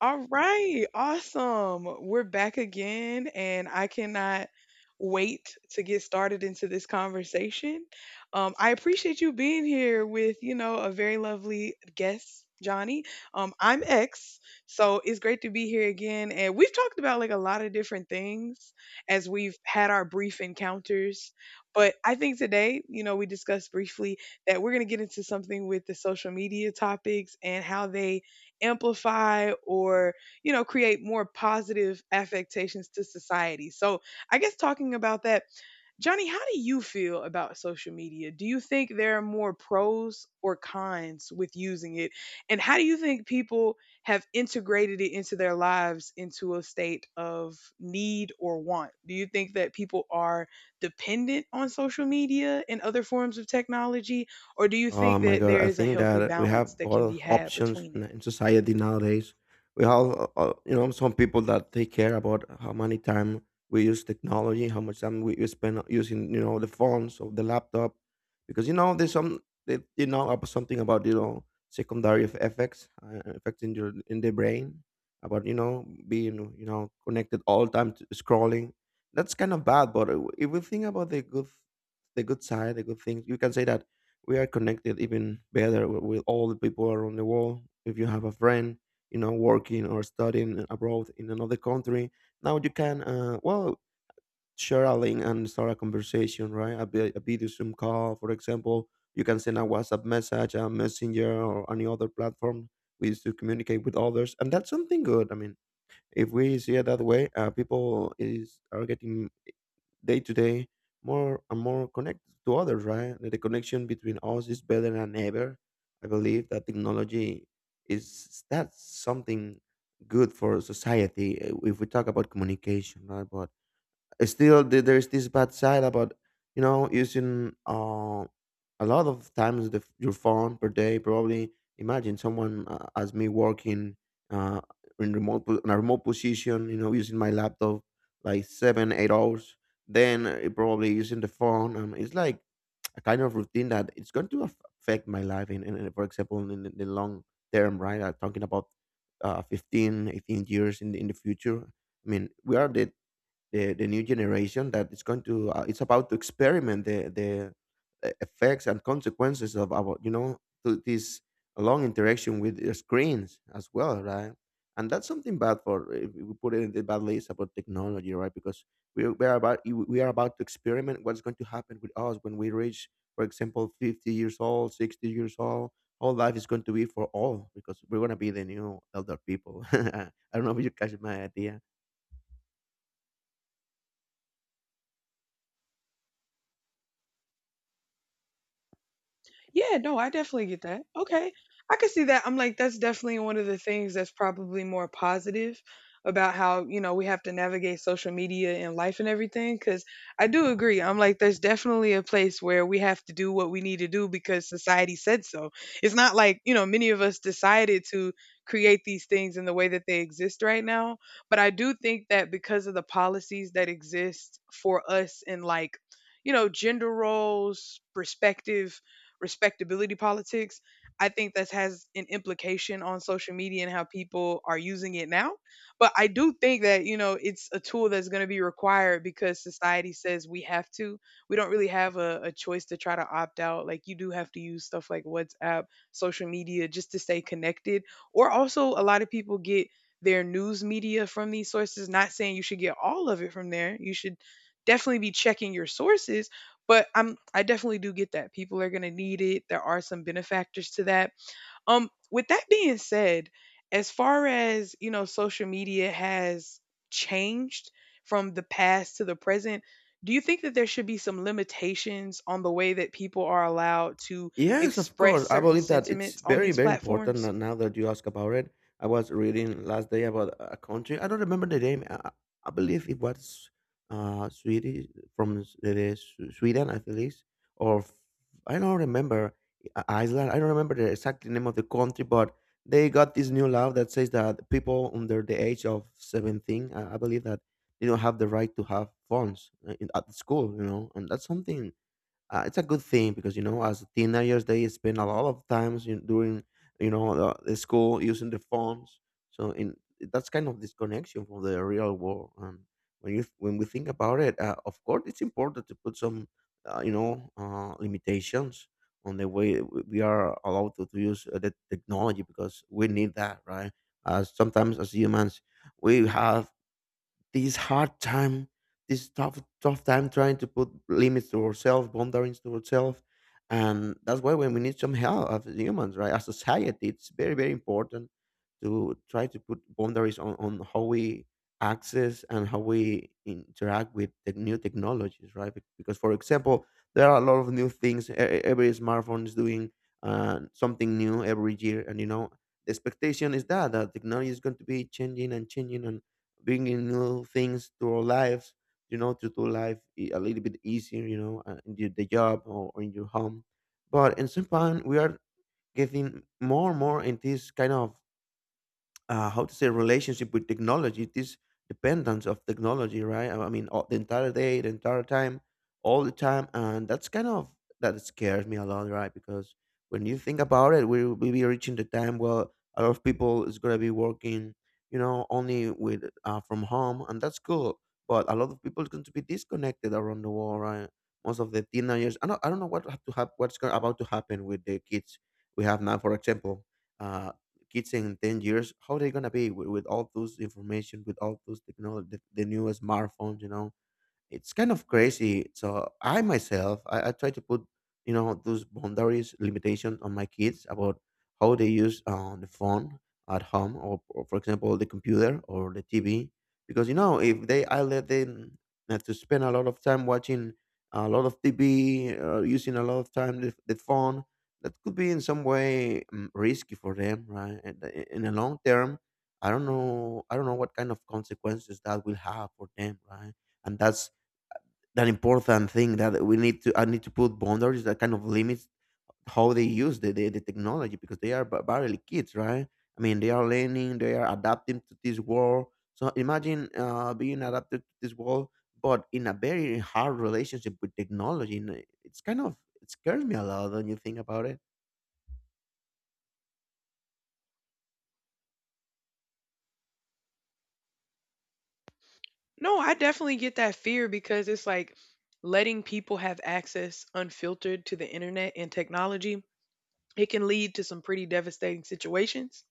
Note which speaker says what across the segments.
Speaker 1: All right, awesome. We're back again, and I cannot wait to get started into this conversation. I appreciate you being here with, you know, a very lovely guest, Johnny. I'm X, so it's great to be here again. And we've talked about like a lot of different things as we've had our brief encounters. But I think today, you know, we discussed briefly that we're going to get into something with the social media topics and how they amplify or you know create more positive affectations to society. So I guess talking about that, johnny, how do you feel about social media? Do you think there are more pros or cons with using it, and how do you think people have integrated it into their lives into a state of need or want? Do you think that people are dependent on social media and other forms of technology, or do you
Speaker 2: Oh
Speaker 1: think
Speaker 2: my
Speaker 1: that
Speaker 2: God,
Speaker 1: there
Speaker 2: I
Speaker 1: is a
Speaker 2: think
Speaker 1: healthy
Speaker 2: that we
Speaker 1: balance
Speaker 2: have
Speaker 1: that can
Speaker 2: both
Speaker 1: be had
Speaker 2: options
Speaker 1: between
Speaker 2: in
Speaker 1: it?
Speaker 2: in society nowadays. We have, you know, some people that they care about how many time we use technology, how much time we spend using, you know, the phones or the laptop, because you know there's some, they, you know, about something about you know secondary effects, effects in your in the brain, about you know being you know connected all time to scrolling. That's kind of bad, but if we think about the good side, the good things, you can say that we are connected even better with all the people around the world. If you have a friend, you know, working or studying abroad in another country, now you can, well, share a link and start a conversation, right? A, a video Zoom call, for example. You can send a WhatsApp message, a messenger, or any other platform we use to communicate with others, and that's something good. I mean, if we see it that way, people is are getting day to day more and more connected to others, right? Like, the connection between us is better than ever. I believe that technology is that's something good for society, if we talk about communication, right? But still there's this bad side about you know using, a lot of times your phone per day. Probably imagine someone, as me, working uh, in in a remote position, you know, using my laptop like 7 8 hours. Then, probably using the phone, it's like a kind of routine that it's going to affect my life for example, in the long term, right? I'm talking about, 15 18 years in in the future. I mean, we are the new generation that it's going to, It's about to experiment the effects and consequences of our, you know, to this long interaction with the screens as well, right? And that's something bad, for if we put it in the bad list about technology, right? Because we are about to experiment what's going to happen with us when we reach, for example, 50 years old, 60 years old, how life is going to be for all, because we're going to be the new elder people. I don't know if you catch my idea.
Speaker 1: Yeah, no, I definitely get that. Okay. I can see that. I'm like, that's definitely one of the things that's probably more positive about how, you know, we have to navigate social media and life and everything. Cause I do agree. I'm like, there's definitely a place where we have to do what we need to do because society said so. It's not like, you know, many of us decided to create these things in the way that they exist right now. But I do think that because of the policies that exist for us in like, you know, gender roles, perspective respectability politics, I think that has an implication on social media and how people are using it now. But I do think that, you know, it's a tool that's going to be required because society says we have to. We don't really have a choice to try to opt out. Like, you do have to use stuff like WhatsApp, social media just to stay connected. Or also, a lot of people get their news media from these sources. Not saying you should get all of it from there. You should definitely be checking your sources but I definitely do get that. People are going to need it. There are some benefactors to that. With that being said, as far as you know, social media has changed from the past to the present. Do you think that there should be some limitations on the way that people are allowed to
Speaker 2: Yes, of
Speaker 1: express
Speaker 2: course. I
Speaker 1: certain
Speaker 2: believe that it's
Speaker 1: sentiments on
Speaker 2: very,
Speaker 1: these
Speaker 2: very important
Speaker 1: platforms?
Speaker 2: that now that you ask about it. I was reading last day about a country. I don't remember the name. I believe it was, Swedish, it is Sweden, I believe, or f- I don't remember. Iceland. I don't remember the exact name of the country, but they got this new law that says that people under the age of 17, I believe, that they don't have the right to have phones, at the school. You know, and that's something, it's a good thing, because you know as teenagers they spend a lot of times during, you know, the school, using the phones. So in that's kind of disconnection from the real world. And when you, when we think about it, of course it's important to put some, limitations on the way we are allowed to use, the technology, because we need that, right? Sometimes as humans we have this hard time, this tough time, trying to put limits to ourselves, boundaries to ourselves, and that's why when we need some help as humans, right? As society, it's very, very important to try to put boundaries on how we access and how we interact with the new technologies, right? Because, for example, there are a lot of new things. Every smartphone is doing, something new every year, and you know the expectation is that technology is going to be changing and changing and bringing new things to our lives, you know, to do life, a little bit easier, you know, in the job, or in your home. But in some point, we are getting more and more in this kind of, how to say, relationship with technology, this dependence of technology, right? I mean, the entire day, the entire time, all the time, and that's kind of, that scares me a lot, right? Because when you think about it, we will be reaching the time where a lot of people is going to be working, you know, only with, from home, and that's cool. But a lot of people is going to be disconnected around the world, right? Most of the teenagers, I don't know what's going about to happen with the kids we have now. For example, uh, kids in 10 years, how they gonna be with all those information, with all those technology, the newest smartphones, you know, it's kind of crazy. So I myself, I try to put, you know, those boundaries, limitations on my kids about how they use, the phone at home, for example, the computer or the TV. Because, you know, if they, I let them have to spend a lot of time watching a lot of TV, using a lot of time the phone, that could be in some way, risky for them, right? And, in the long term, I don't know. I don't know what kind of consequences that will have for them, right? And that's an important thing that we need to I need to put boundaries, that kind of limits how they use the technology, because they are barely kids, right? I mean, they are learning, they are adapting to this world. So imagine, being adapted to this world, but in a very hard relationship with technology. And It's kind of it scares me a lot when you think about it.
Speaker 1: No, I definitely get that fear because it's like letting people have access unfiltered to the internet and technology, it can lead to some pretty devastating situations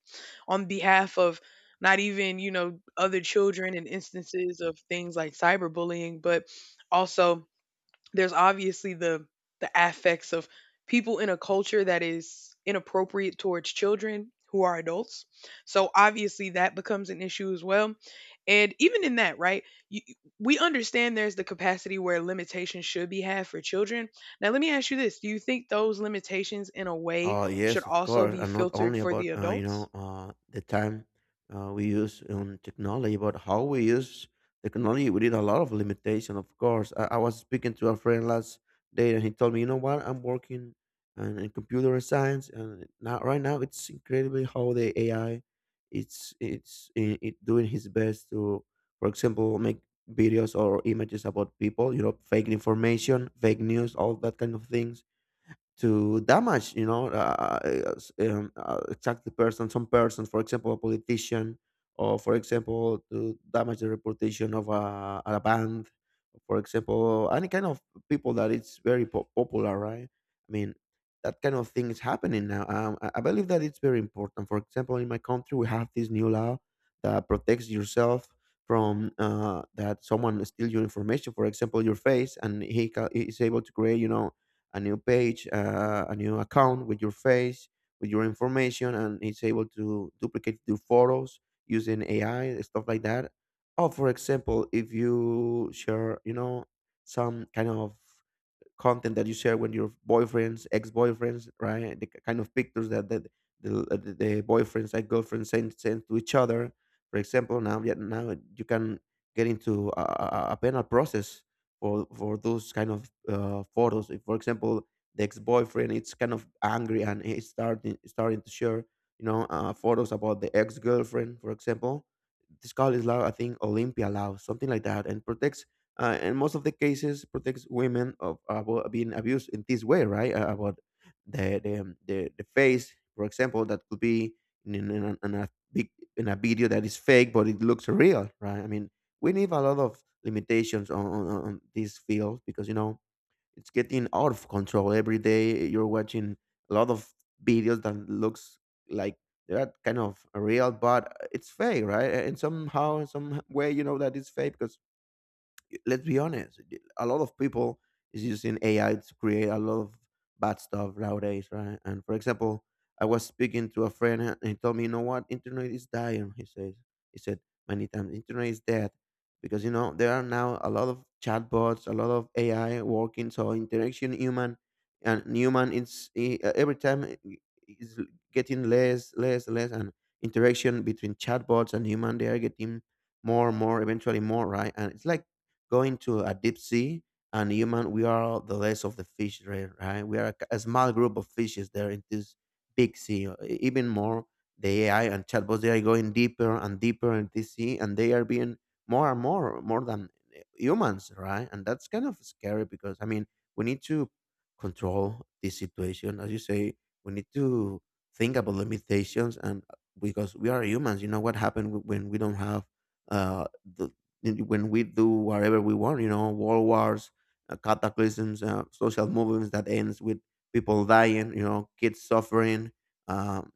Speaker 1: on behalf of not even you know other children and instances of things like cyberbullying, but also there's obviously the affects of people in a culture that is inappropriate towards children who are adults. So obviously that becomes an issue as well. And even in that, right? You, we understand there's the capacity where limitations should be had for children. Now let me ask you this, do you think those limitations in a way should
Speaker 2: Yes, of
Speaker 1: also
Speaker 2: course,
Speaker 1: be
Speaker 2: and not
Speaker 1: filtered
Speaker 2: only
Speaker 1: for the
Speaker 2: about,
Speaker 1: adults?
Speaker 2: the time, we use on technology, but how we use technology. We did a lot of limitation, of course. I was speaking to a friend last day, and he told me, you know what, I'm working in computer science, and now right now it's incredibly how the AI, it doing his best to, for example, make videos or images about people, you know, fake information, fake news, all that kind of things to damage, you know, exactly person, some person, for example a politician, or for example to damage the reputation of a band, for example any kind of people that it's very popular, right? I mean, that kind of thing is happening now. I believe that it's very important. For example, in my country we have this new law that protects yourself from, that someone steal your information, for example your face, and he is able to create, you know, a new page, a new account with your face, with your information, and it's able to duplicate your photos using AI, stuff like that. Or for example, if you share, you know, some kind of content that you share with your boyfriends, ex-boyfriends, right? The kind of pictures that the boyfriends and girlfriends send to each other. For example, now yeah, now you can get into a penal process for those kind of, photos. If, for example, the ex-boyfriend is kind of angry and he's starting to share, you know, photos about the ex-girlfriend, for example. This call is law, I think Olympia law, something like that, and protects, and most of the cases protects women of about being abused in this way, right? About the face, for example, that could be in a big, in a video that is fake, but it looks real, right? I mean, we need a lot of limitations on this field, because you know it's getting out of control. Every day you're watching a lot of videos that looks like they're kind of real, but it's fake, right? And somehow, some way, you know that it's fake, because let's be honest, a lot of people is using AI to create a lot of bad stuff nowadays, right? And for example, I was speaking to a friend and he told me, you know what, internet is dying. He says, he said many times, internet is dead because you know there are now a lot of chatbots, a lot of AI working, so interaction human and human every time is getting less, less, less, and interaction between chatbots and human they are getting more eventually more, right? And it's like going to a deep sea, and human we are the less of the fish, right? Right? We are a small group of fishes there in this big sea. Even more, the AI and chatbots they are going deeper and deeper in this sea and they are being more and more than humans, right? And that's kind of scary because I mean we need to control this situation. As you say, we need to think about limitations, and because we are humans. You know what happened when we don't have the and when we do whatever we want? You know, world wars, cataclysms, social movements that ends with people dying, you know, kids suffering, um,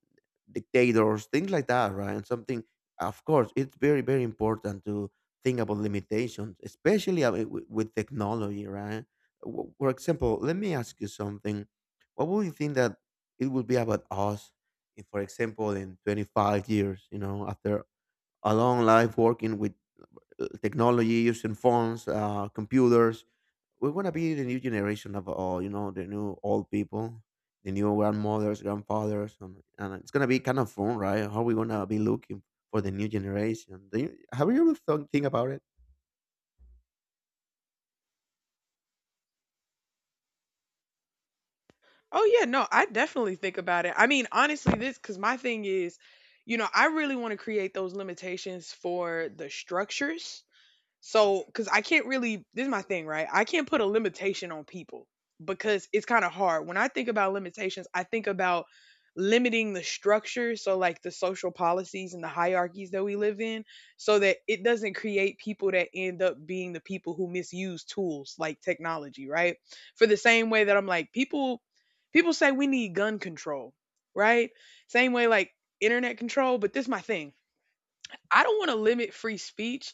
Speaker 2: dictators, things like that, right? And something, of course, it's very, very important to think about limitations, especially with technology, right? For example, let me ask you something. What would you think that it would be about us, if, for example, in 25 years, you know, after a long life working with technology, using phones, computers. We want to be the new generation of all, you know, the new old people, the new grandmothers, grandfathers, and it's gonna be kind of fun, right? How we gonna be looking for the new generation? Do you, have you ever thought, think about it?
Speaker 1: Oh yeah, no, I definitely think about it. I mean, honestly, this because my thing is, you know, I really want to create those limitations for the structures so, because I can't really, this is my thing, right? I can't put a limitation on people because it's kind of hard. When I think about limitations, I think about limiting the structure. So, like the social policies and the hierarchies that we live in, so that it doesn't create people that end up being the people who misuse tools like technology, right? For the same way that I'm like, people say we need gun control, right? Same way, like internet control, but this is my thing. I don't want to limit free speech,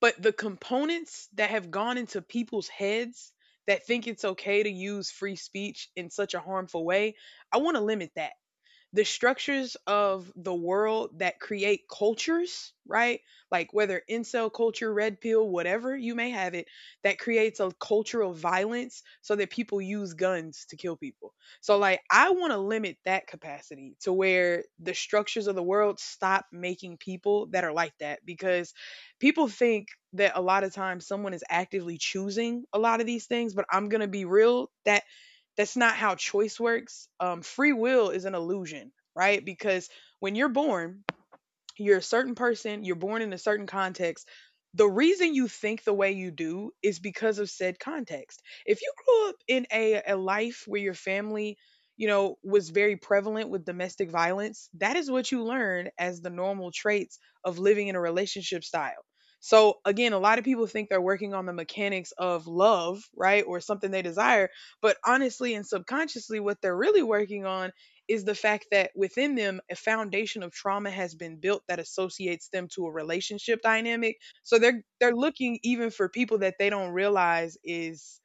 Speaker 1: but the components that have gone into people's heads that think it's okay to use free speech in such a harmful way, I want to limit that, the structures of the world that create cultures, right? Like whether incel culture, red pill, whatever you may have it, that creates a culture of violence so that people use guns to kill people. So, like, I want to limit that capacity to where the structures of the world stop making people that are like that, because people think that a lot of times someone is actively choosing a lot of these things, but I'm going to be real, that's not how choice works. Free will is an illusion, right? Because when you're born, you're a certain person, you're born in a certain context. The reason you think the way you do is because of said context. If you grew up in a life where your family, you know, was very prevalent with domestic violence, that is what you learn as the normal traits of living in a relationship style. So, again, a lot of people think they're working on the mechanics of love, right? Or something they desire. But honestly and subconsciously, what they're really working on is the fact that within them a foundation of trauma has been built that associates them to a relationship dynamic, so they're looking even for people that they don't realize is,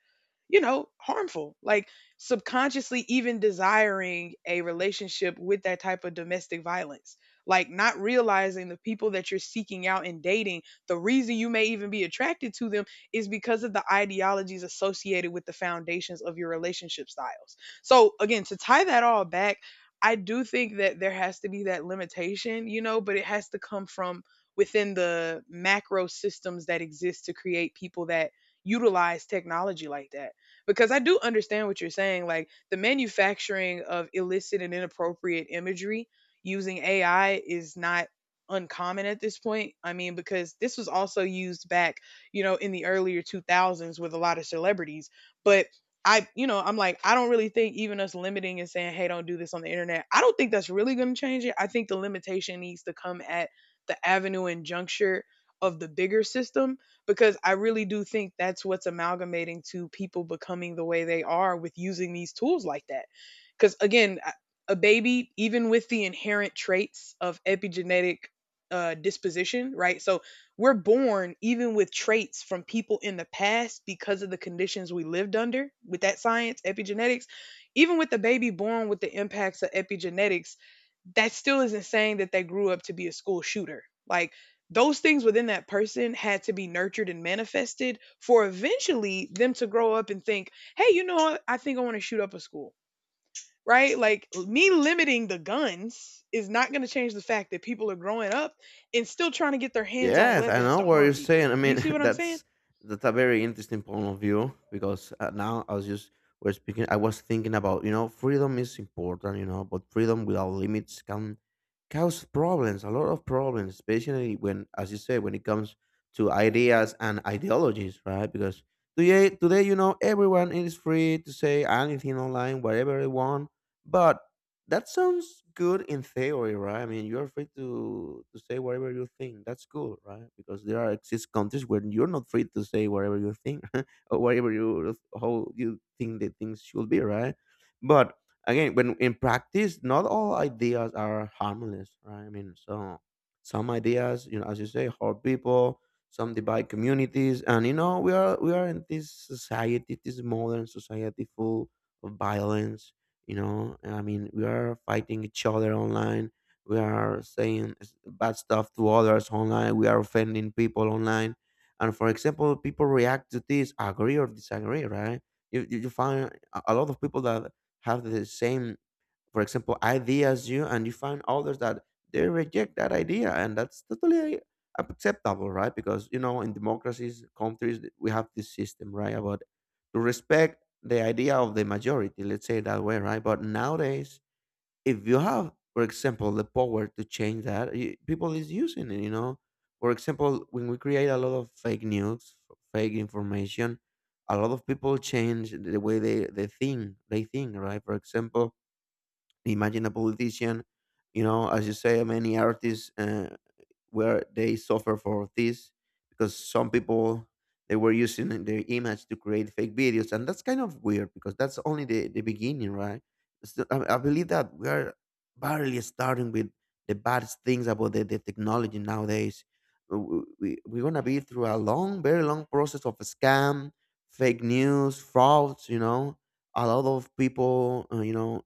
Speaker 1: you know, harmful. Like subconsciously even desiring a relationship with that type of domestic violence. Like not realizing the people that you're seeking out and dating, the reason you may even be attracted to them is because of the ideologies associated with the foundations of your relationship styles. So again, to tie that all back, I do think that there has to be that limitation, you know, but it has to come from within the macro systems that exist to create people that utilize technology like that, because I do understand what you're saying. Like the manufacturing of illicit and inappropriate imagery using AI is not uncommon at this point. I mean, because this was also used back, you know, in the earlier 2000s with a lot of celebrities. But I, you know, I'm like, I don't really think even us limiting and saying, hey, don't do this on the internet, I don't think that's really going to change it. I think the limitation needs to come at the avenue and juncture of the bigger system, because I really do think that's what's amalgamating to people becoming the way they are with using these tools like that. Because again, a baby, even with the inherent traits of epigenetic disposition, right? So we're born even with traits from people in the past because of the conditions we lived under with that science, epigenetics. Even with the baby born with the impacts of epigenetics, that still isn't saying that they grew up to be a school shooter. Like, those things within that person had to be nurtured and manifested for eventually them to grow up and think, hey, you know what? I think I want to shoot up a school, right? Like me limiting the guns is not going to change the fact that people are growing up and still trying to get their hands on
Speaker 2: Yes, I
Speaker 1: weapons
Speaker 2: know
Speaker 1: to
Speaker 2: what
Speaker 1: harm
Speaker 2: you're
Speaker 1: people.
Speaker 2: saying. I
Speaker 1: Do you
Speaker 2: mean,
Speaker 1: see what I'm saying?
Speaker 2: that's a very interesting point of view because now I was just we're speaking. I was thinking about, you know, freedom is important, you know, but freedom without limits can cause problems, a lot of problems, especially when, as you say, when it comes to ideas and ideologies, right? Because today, today, you know, everyone is free to say anything online, whatever they want, but that sounds good in theory, right? I mean, you're free to say whatever you think. That's cool, right? Because there are exist countries where you're not free to say whatever you think or whatever you how you think that things should be, right? But again, when in practice, not all ideas are harmless, right? I mean, so some ideas, you know, as you say, hurt people. Some divide communities, and you know, we are in this society, this modern society full of violence. You know, I mean, we are fighting each other online, we are saying bad stuff to others online, we are offending people online, and for example people react to this, agree or disagree, right? You find a lot of people that have the same, for example, ideas you, and you find others that they reject that idea, and that's totally acceptable, right? Because you know, in democracies, countries, we have this system, right, about to respect the idea of the majority. Let's say it that way, right? But nowadays, if you have, for example, the power to change that, people is using it. You know, for example, when we create a lot of fake news, fake information, a lot of people change the way they think. They think, right? For example, imagine a politician, you know, as you say, many artists, where they suffer for this because some people they were using their image to create fake videos, and that's kind of weird because that's only the beginning, right? So I believe that we are barely starting with the bad things about the technology nowadays. We're gonna be through a long, very long process of scam, fake news, frauds, you know, a lot of people, you know,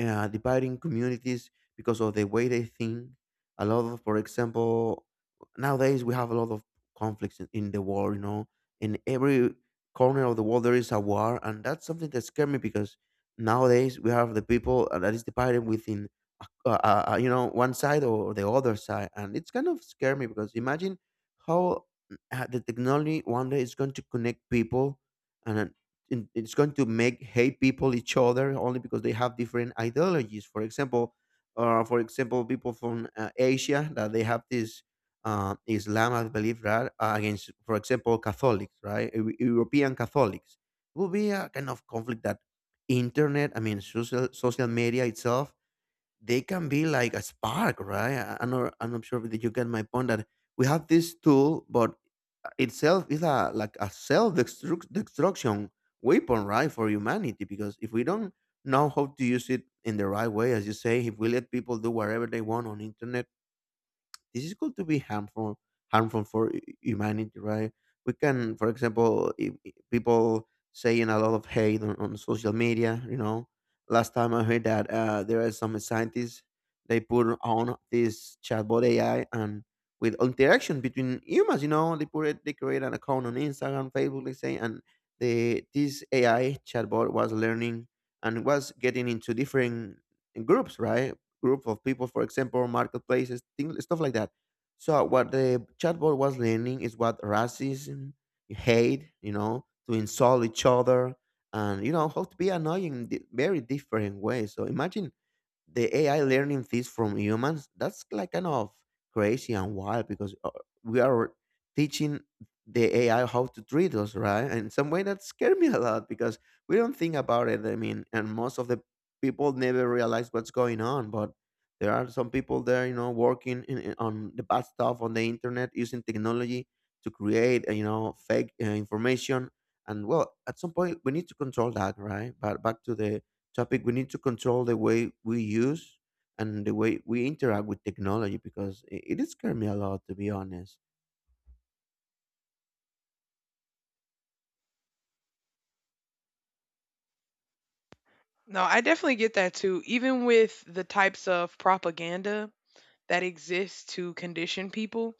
Speaker 2: dividing communities because of the way they think. A lot of, for example, nowadays we have a lot of conflicts in the world. You know, in every corner of the world there is a war, and that's something that scares me because nowadays we have the people that is divided within you know one side or the other side, and it's kind of scare me because imagine how the technology one day is going to connect people and then it's going to make hate people each other only because they have different ideologies. For example, for example, people from Asia that they have this Islam I believe, right? Against, for example, Catholics, right? European Catholics. It will be a kind of conflict that internet, I mean social, social media itself, they can be like a spark, right? I'm not, I'm not sure that you get my point that we have this tool, but itself is a like a self destruction weapon, right, for humanity. Because if we don't know how to use it in the right way, as you say, if we let people do whatever they want on internet, this is going to be harmful for humanity, right? We can, for example, if people saying a lot of hate on social media, you know, last time I heard that there are some scientists, they put on this chatbot AI, and with interaction between humans, you know, they put it, they create an account on Instagram, Facebook, let's say, and the this AI chatbot was learning and was getting into different groups, right? Group of people, for example, marketplaces, things, stuff like that. So what the chatbot was learning is what racism, hate, you know, to insult each other, and you know how to be annoying in very different ways. So imagine the AI learning things from humans, that's like kind of crazy and wild because we are teaching the AI how to treat us, right? And in some way that scared me a lot because we don't think about it. I mean, and most of the people never realize what's going on, but there are some people there, you know, working in, on the bad stuff on the internet using technology to create, you know, fake information. And well, at some point we need to control that, right? But back to the topic, we need to control the way we use and the way we interact with technology because it did scare me a lot, to be honest.
Speaker 1: No, I definitely get that too. Even with the types of propaganda that exists to condition people,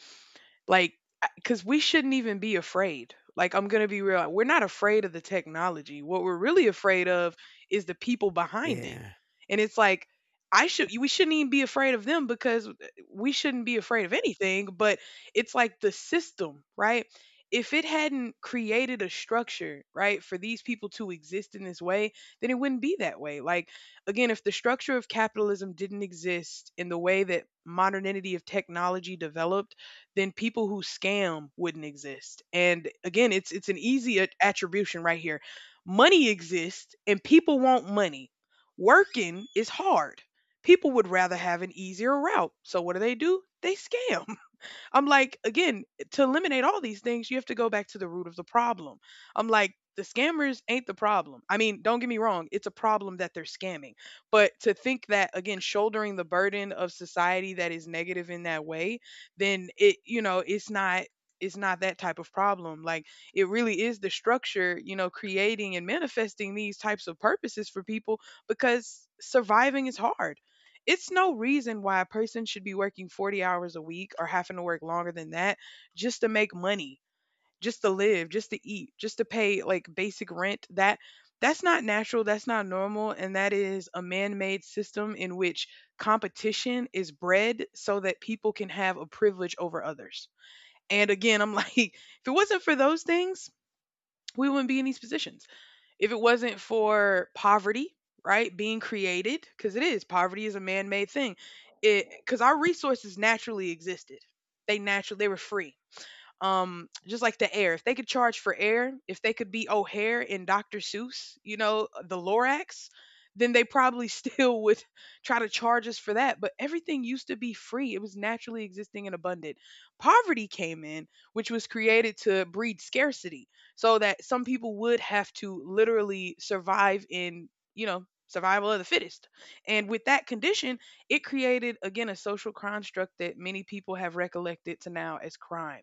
Speaker 1: like, because we shouldn't even be afraid. Like, I'm going to be real. We're not afraid of the technology. What we're really afraid of is the people behind it.
Speaker 2: Yeah,
Speaker 1: And it's like, I should, we shouldn't even be afraid of them because we shouldn't be afraid of anything. But it's like the system, right? If it hadn't created a structure, right, for these people to exist in this way, then it wouldn't be that way. Like, again, if the structure of capitalism didn't exist in the way that modernity of technology developed, then people who scam wouldn't exist. And again, it's an easy attribution right here. Money exists and people want money. Working is hard. People would rather have an easier route. So what do? They scam. I'm like, again, to eliminate all these things, you have to go back to the root of the problem. I'm like, the scammers ain't the problem. I mean, don't get me wrong, it's a problem that they're scamming. But to think that, again, shouldering the burden of society that is negative in that way, then it, you know, it's not. It's not that type of problem. Like it really is the structure, you know, creating and manifesting these types of purposes for people because surviving is hard. It's no reason why a person should be working 40 hours a week or having to work longer than that just to make money, just to live, just to eat, just to pay like basic rent. That's not natural, that's not normal, and that is a man-made system in which competition is bred so that people can have a privilege over others. And again, I'm like, if it wasn't for those things, we wouldn't be in these positions. If it wasn't for poverty, right, being created, because it is poverty is a man made thing. It because our resources naturally existed. They were free just like the air. If they could charge for air, if they could be O'Hare and Dr. Seuss, the Lorax, then they probably still would try to charge us for that. But everything used to be free. It was naturally existing and abundant. Poverty came in, which was created to breed scarcity so that some people would have to literally survive in, you know, survival of the fittest. And with that condition, it created again a social construct that many people have recollected to now as crime.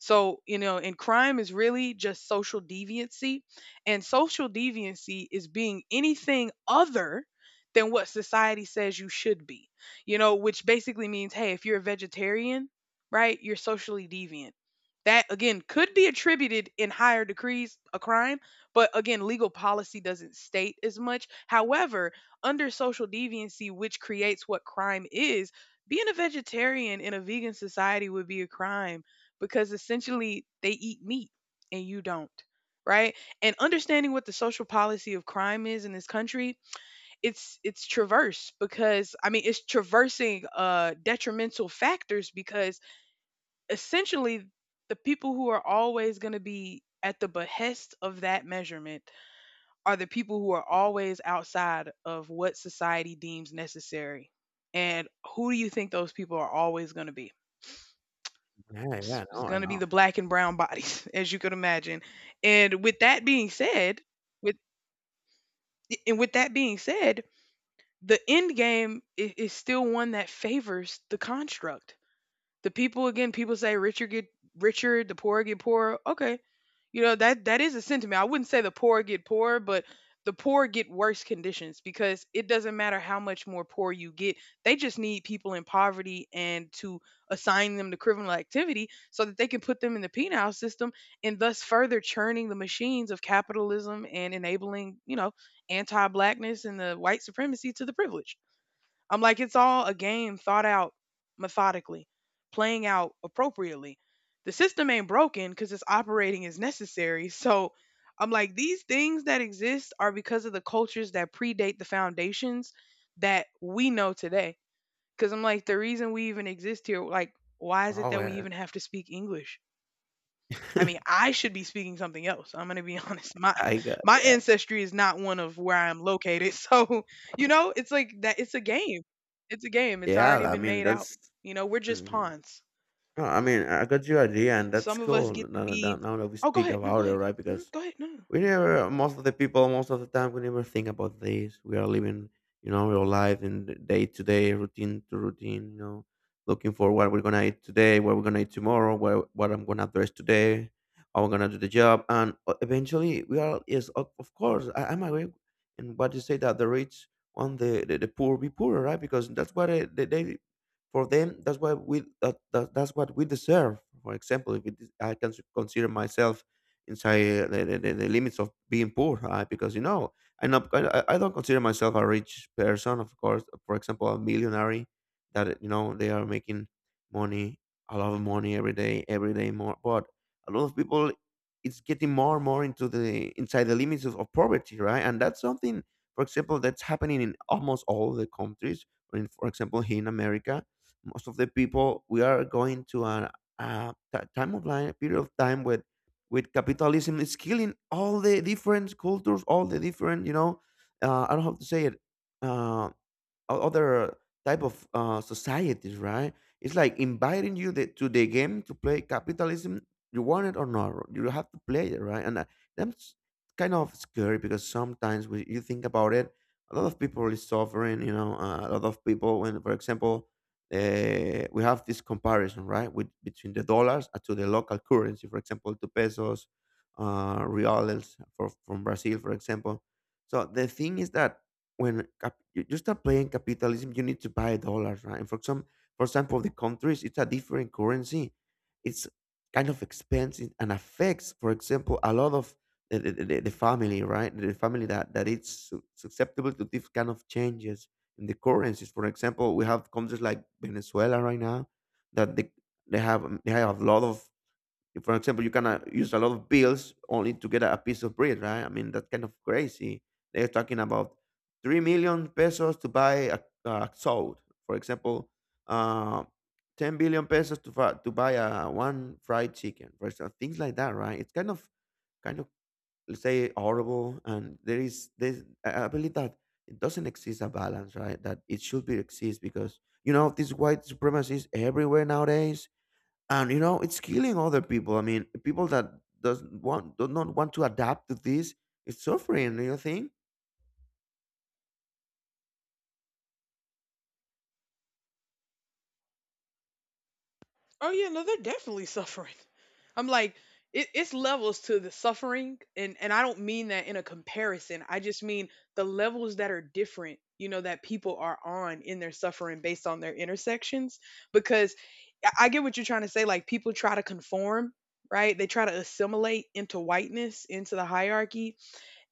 Speaker 1: So, you know, and crime is really just social deviancy. And social deviancy is being anything other than what society says you should be, you know, which basically means, hey, if you're a vegetarian, right, you're socially deviant. That again could be attributed in higher degrees a crime, but again, legal policy doesn't state as much. However, under social deviancy, which creates what crime is, being a vegetarian in a vegan society would be a crime because essentially they eat meat and you don't, right? And understanding what the social policy of crime is in this country, it's traverse because I mean it's traversing detrimental factors because essentially, the people who are always going to be at the behest of that measurement are the people who are always outside of what society deems necessary. And who do you think those people are always going to be?
Speaker 2: yeah, yeah.
Speaker 1: It's
Speaker 2: No, I
Speaker 1: going to be
Speaker 2: know.
Speaker 1: the black and brown bodies, as you could imagine. And with that being said, with and with that being said, the end game is still one that favors the construct. People say richer get richer, the poor get poorer. Okay, you know, that is a sentiment. I wouldn't say the poor get poorer, but the poor get worse conditions because it doesn't matter how much more poor you get. They just need people in poverty and to assign them to criminal activity so that they can put them in the penal system, and thus further churning the machines of capitalism and enabling, you know, anti-blackness and the white supremacy to the privileged. I'm like, it's all a game thought out methodically, playing out appropriately. The system ain't broken because it's operating as necessary. So I'm like, these things that exist are because of the cultures that predate the foundations that we know today. Because I'm like, the reason we even exist here, like, why is it
Speaker 2: Oh
Speaker 1: that we
Speaker 2: yeah.
Speaker 1: even have to speak English? I mean, I should be speaking something else. I'm going to be honest. My
Speaker 2: I got,
Speaker 1: my
Speaker 2: yeah.
Speaker 1: ancestry is not one of where I'm located. So, you know, it's like that, it's a game. It's a game. It's
Speaker 2: Yeah,
Speaker 1: already
Speaker 2: I
Speaker 1: been
Speaker 2: mean,
Speaker 1: made out.
Speaker 2: that's.
Speaker 1: You know, we're just
Speaker 2: Mhm.
Speaker 1: pawns.
Speaker 2: No, I mean, I got your idea and that's
Speaker 1: Some of us
Speaker 2: cool.
Speaker 1: get to
Speaker 2: Now,
Speaker 1: be—
Speaker 2: that we
Speaker 1: Oh, go
Speaker 2: speak
Speaker 1: ahead. No, go
Speaker 2: about it,
Speaker 1: ahead.
Speaker 2: right?
Speaker 1: Go ahead. Mhm.
Speaker 2: Because
Speaker 1: Go ahead. No, no.
Speaker 2: we never, most of the people, most of the time we never think about this. We are living, you know, real life in the day to day routine to routine, you know, looking for what we're gonna eat today, what we're gonna eat tomorrow, what I'm gonna dress today, how I'm gonna do the job, and eventually we are, yes, of course, I'm agree. And what you say, that the rich want the poor be poorer, right? Because that's what they, for them, that's what we, that's what we deserve. For example, if it is, I can consider myself inside the limits of being poor, because you know, I'm not, I don't consider myself a rich person, of course. For example, a millionaire that, you know, they are making money, a lot of money, every day, every day more, but a lot of people, it's getting more and more into the inside the limits of poverty, right? And that's something, for example, that's happening in almost all the countries. In, for example, here in America, most of the people we are going to a time of life, period of time where with capitalism it's killing all the different cultures, all the different, you know, I don't have to say it, uh, other type of societies, right? It's like inviting you to the game to play capitalism. You want it or not, you have to play it, right? And That's kind of scary because sometimes when you think about it, a lot of people is suffering. You know, a lot of people. When, for example, we have this comparison, right, with between the dollars to the local currency. For example, to pesos, reals for, from Brazil, for example. So the thing is that when you, you start playing capitalism, you need to buy dollars, right? And for some, for example, the countries, it's a different currency. It's kind of expensive and affects, for example, a lot of the family, right? The family that it's susceptible to these kind of changes in the currencies. For example, we have countries like Venezuela right now that they have a lot of, if, for example, you can use a lot of bills only to get a piece of bread, right? I mean, that's kind of crazy. They're talking about 3 million pesos to buy a salt, for example, uh, 10 billion pesos to to buy a one fried chicken, for example, things like that, right? It's kind of, kind of, let's say, horrible, and there is this. I believe that it doesn't exist a balance, right? That it should be exist, because you know these white supremacists everywhere nowadays, and you know it's killing other people. I mean, people that doesn't want do not want to adapt to this, it's suffering. Do you think?
Speaker 1: Oh yeah, no, they're definitely suffering. I'm like, it's levels to the suffering, and I don't mean that in a comparison. I just mean the levels that are different. You know that people are on in their suffering based on their intersections, because I get what you're trying to say. Like people try to conform, right? They try to assimilate into whiteness, into the hierarchy,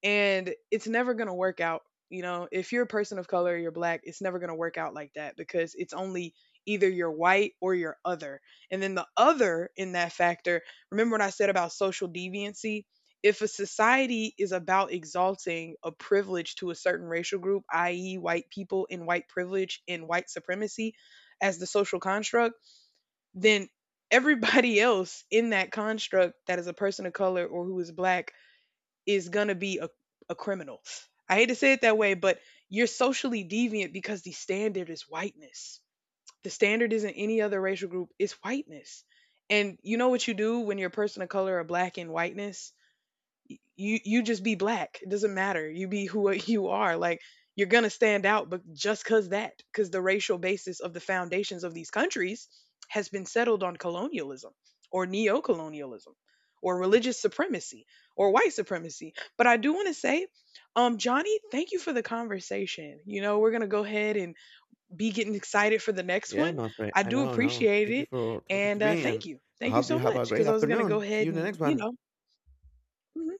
Speaker 1: and it's never going to work out. You know, if you're a person of color, you're black, it's never going to work out like that because it's only either you're white or you're other. And then the other in that factor, remember what I said about social deviancy: if a society is about exalting a privilege to a certain racial group, i.e. white people and white privilege and white supremacy as the social construct, then everybody else in that construct that is a person of color or who is black is gonna be a criminal. I hate to say it that way, but you're socially deviant because the standard is whiteness. The standard isn't any other racial group, it's whiteness. And you know what you do when you're a person of color or black in whiteness? You just be black. It doesn't matter. You be who you are. Like, you're gonna stand out, but just cause that, cause the racial basis of the foundations of these countries has been settled on colonialism, or neo-colonialism, or religious supremacy, or white supremacy. But I do want to say, Johnny, thank you for the conversation. You know, we're gonna go ahead and be getting excited for the next
Speaker 2: Yeah,
Speaker 1: one.
Speaker 2: my friend,
Speaker 1: I
Speaker 2: I
Speaker 1: do
Speaker 2: know, I know.
Speaker 1: appreciate
Speaker 2: Thank you
Speaker 1: it,
Speaker 2: for talking to
Speaker 1: and
Speaker 2: me, and I
Speaker 1: thank you
Speaker 2: hope you
Speaker 1: so
Speaker 2: have a
Speaker 1: much,
Speaker 2: great
Speaker 1: because I was gonna go
Speaker 2: afternoon. See
Speaker 1: ahead
Speaker 2: you in the
Speaker 1: and
Speaker 2: next
Speaker 1: you
Speaker 2: one.
Speaker 1: know, mhm,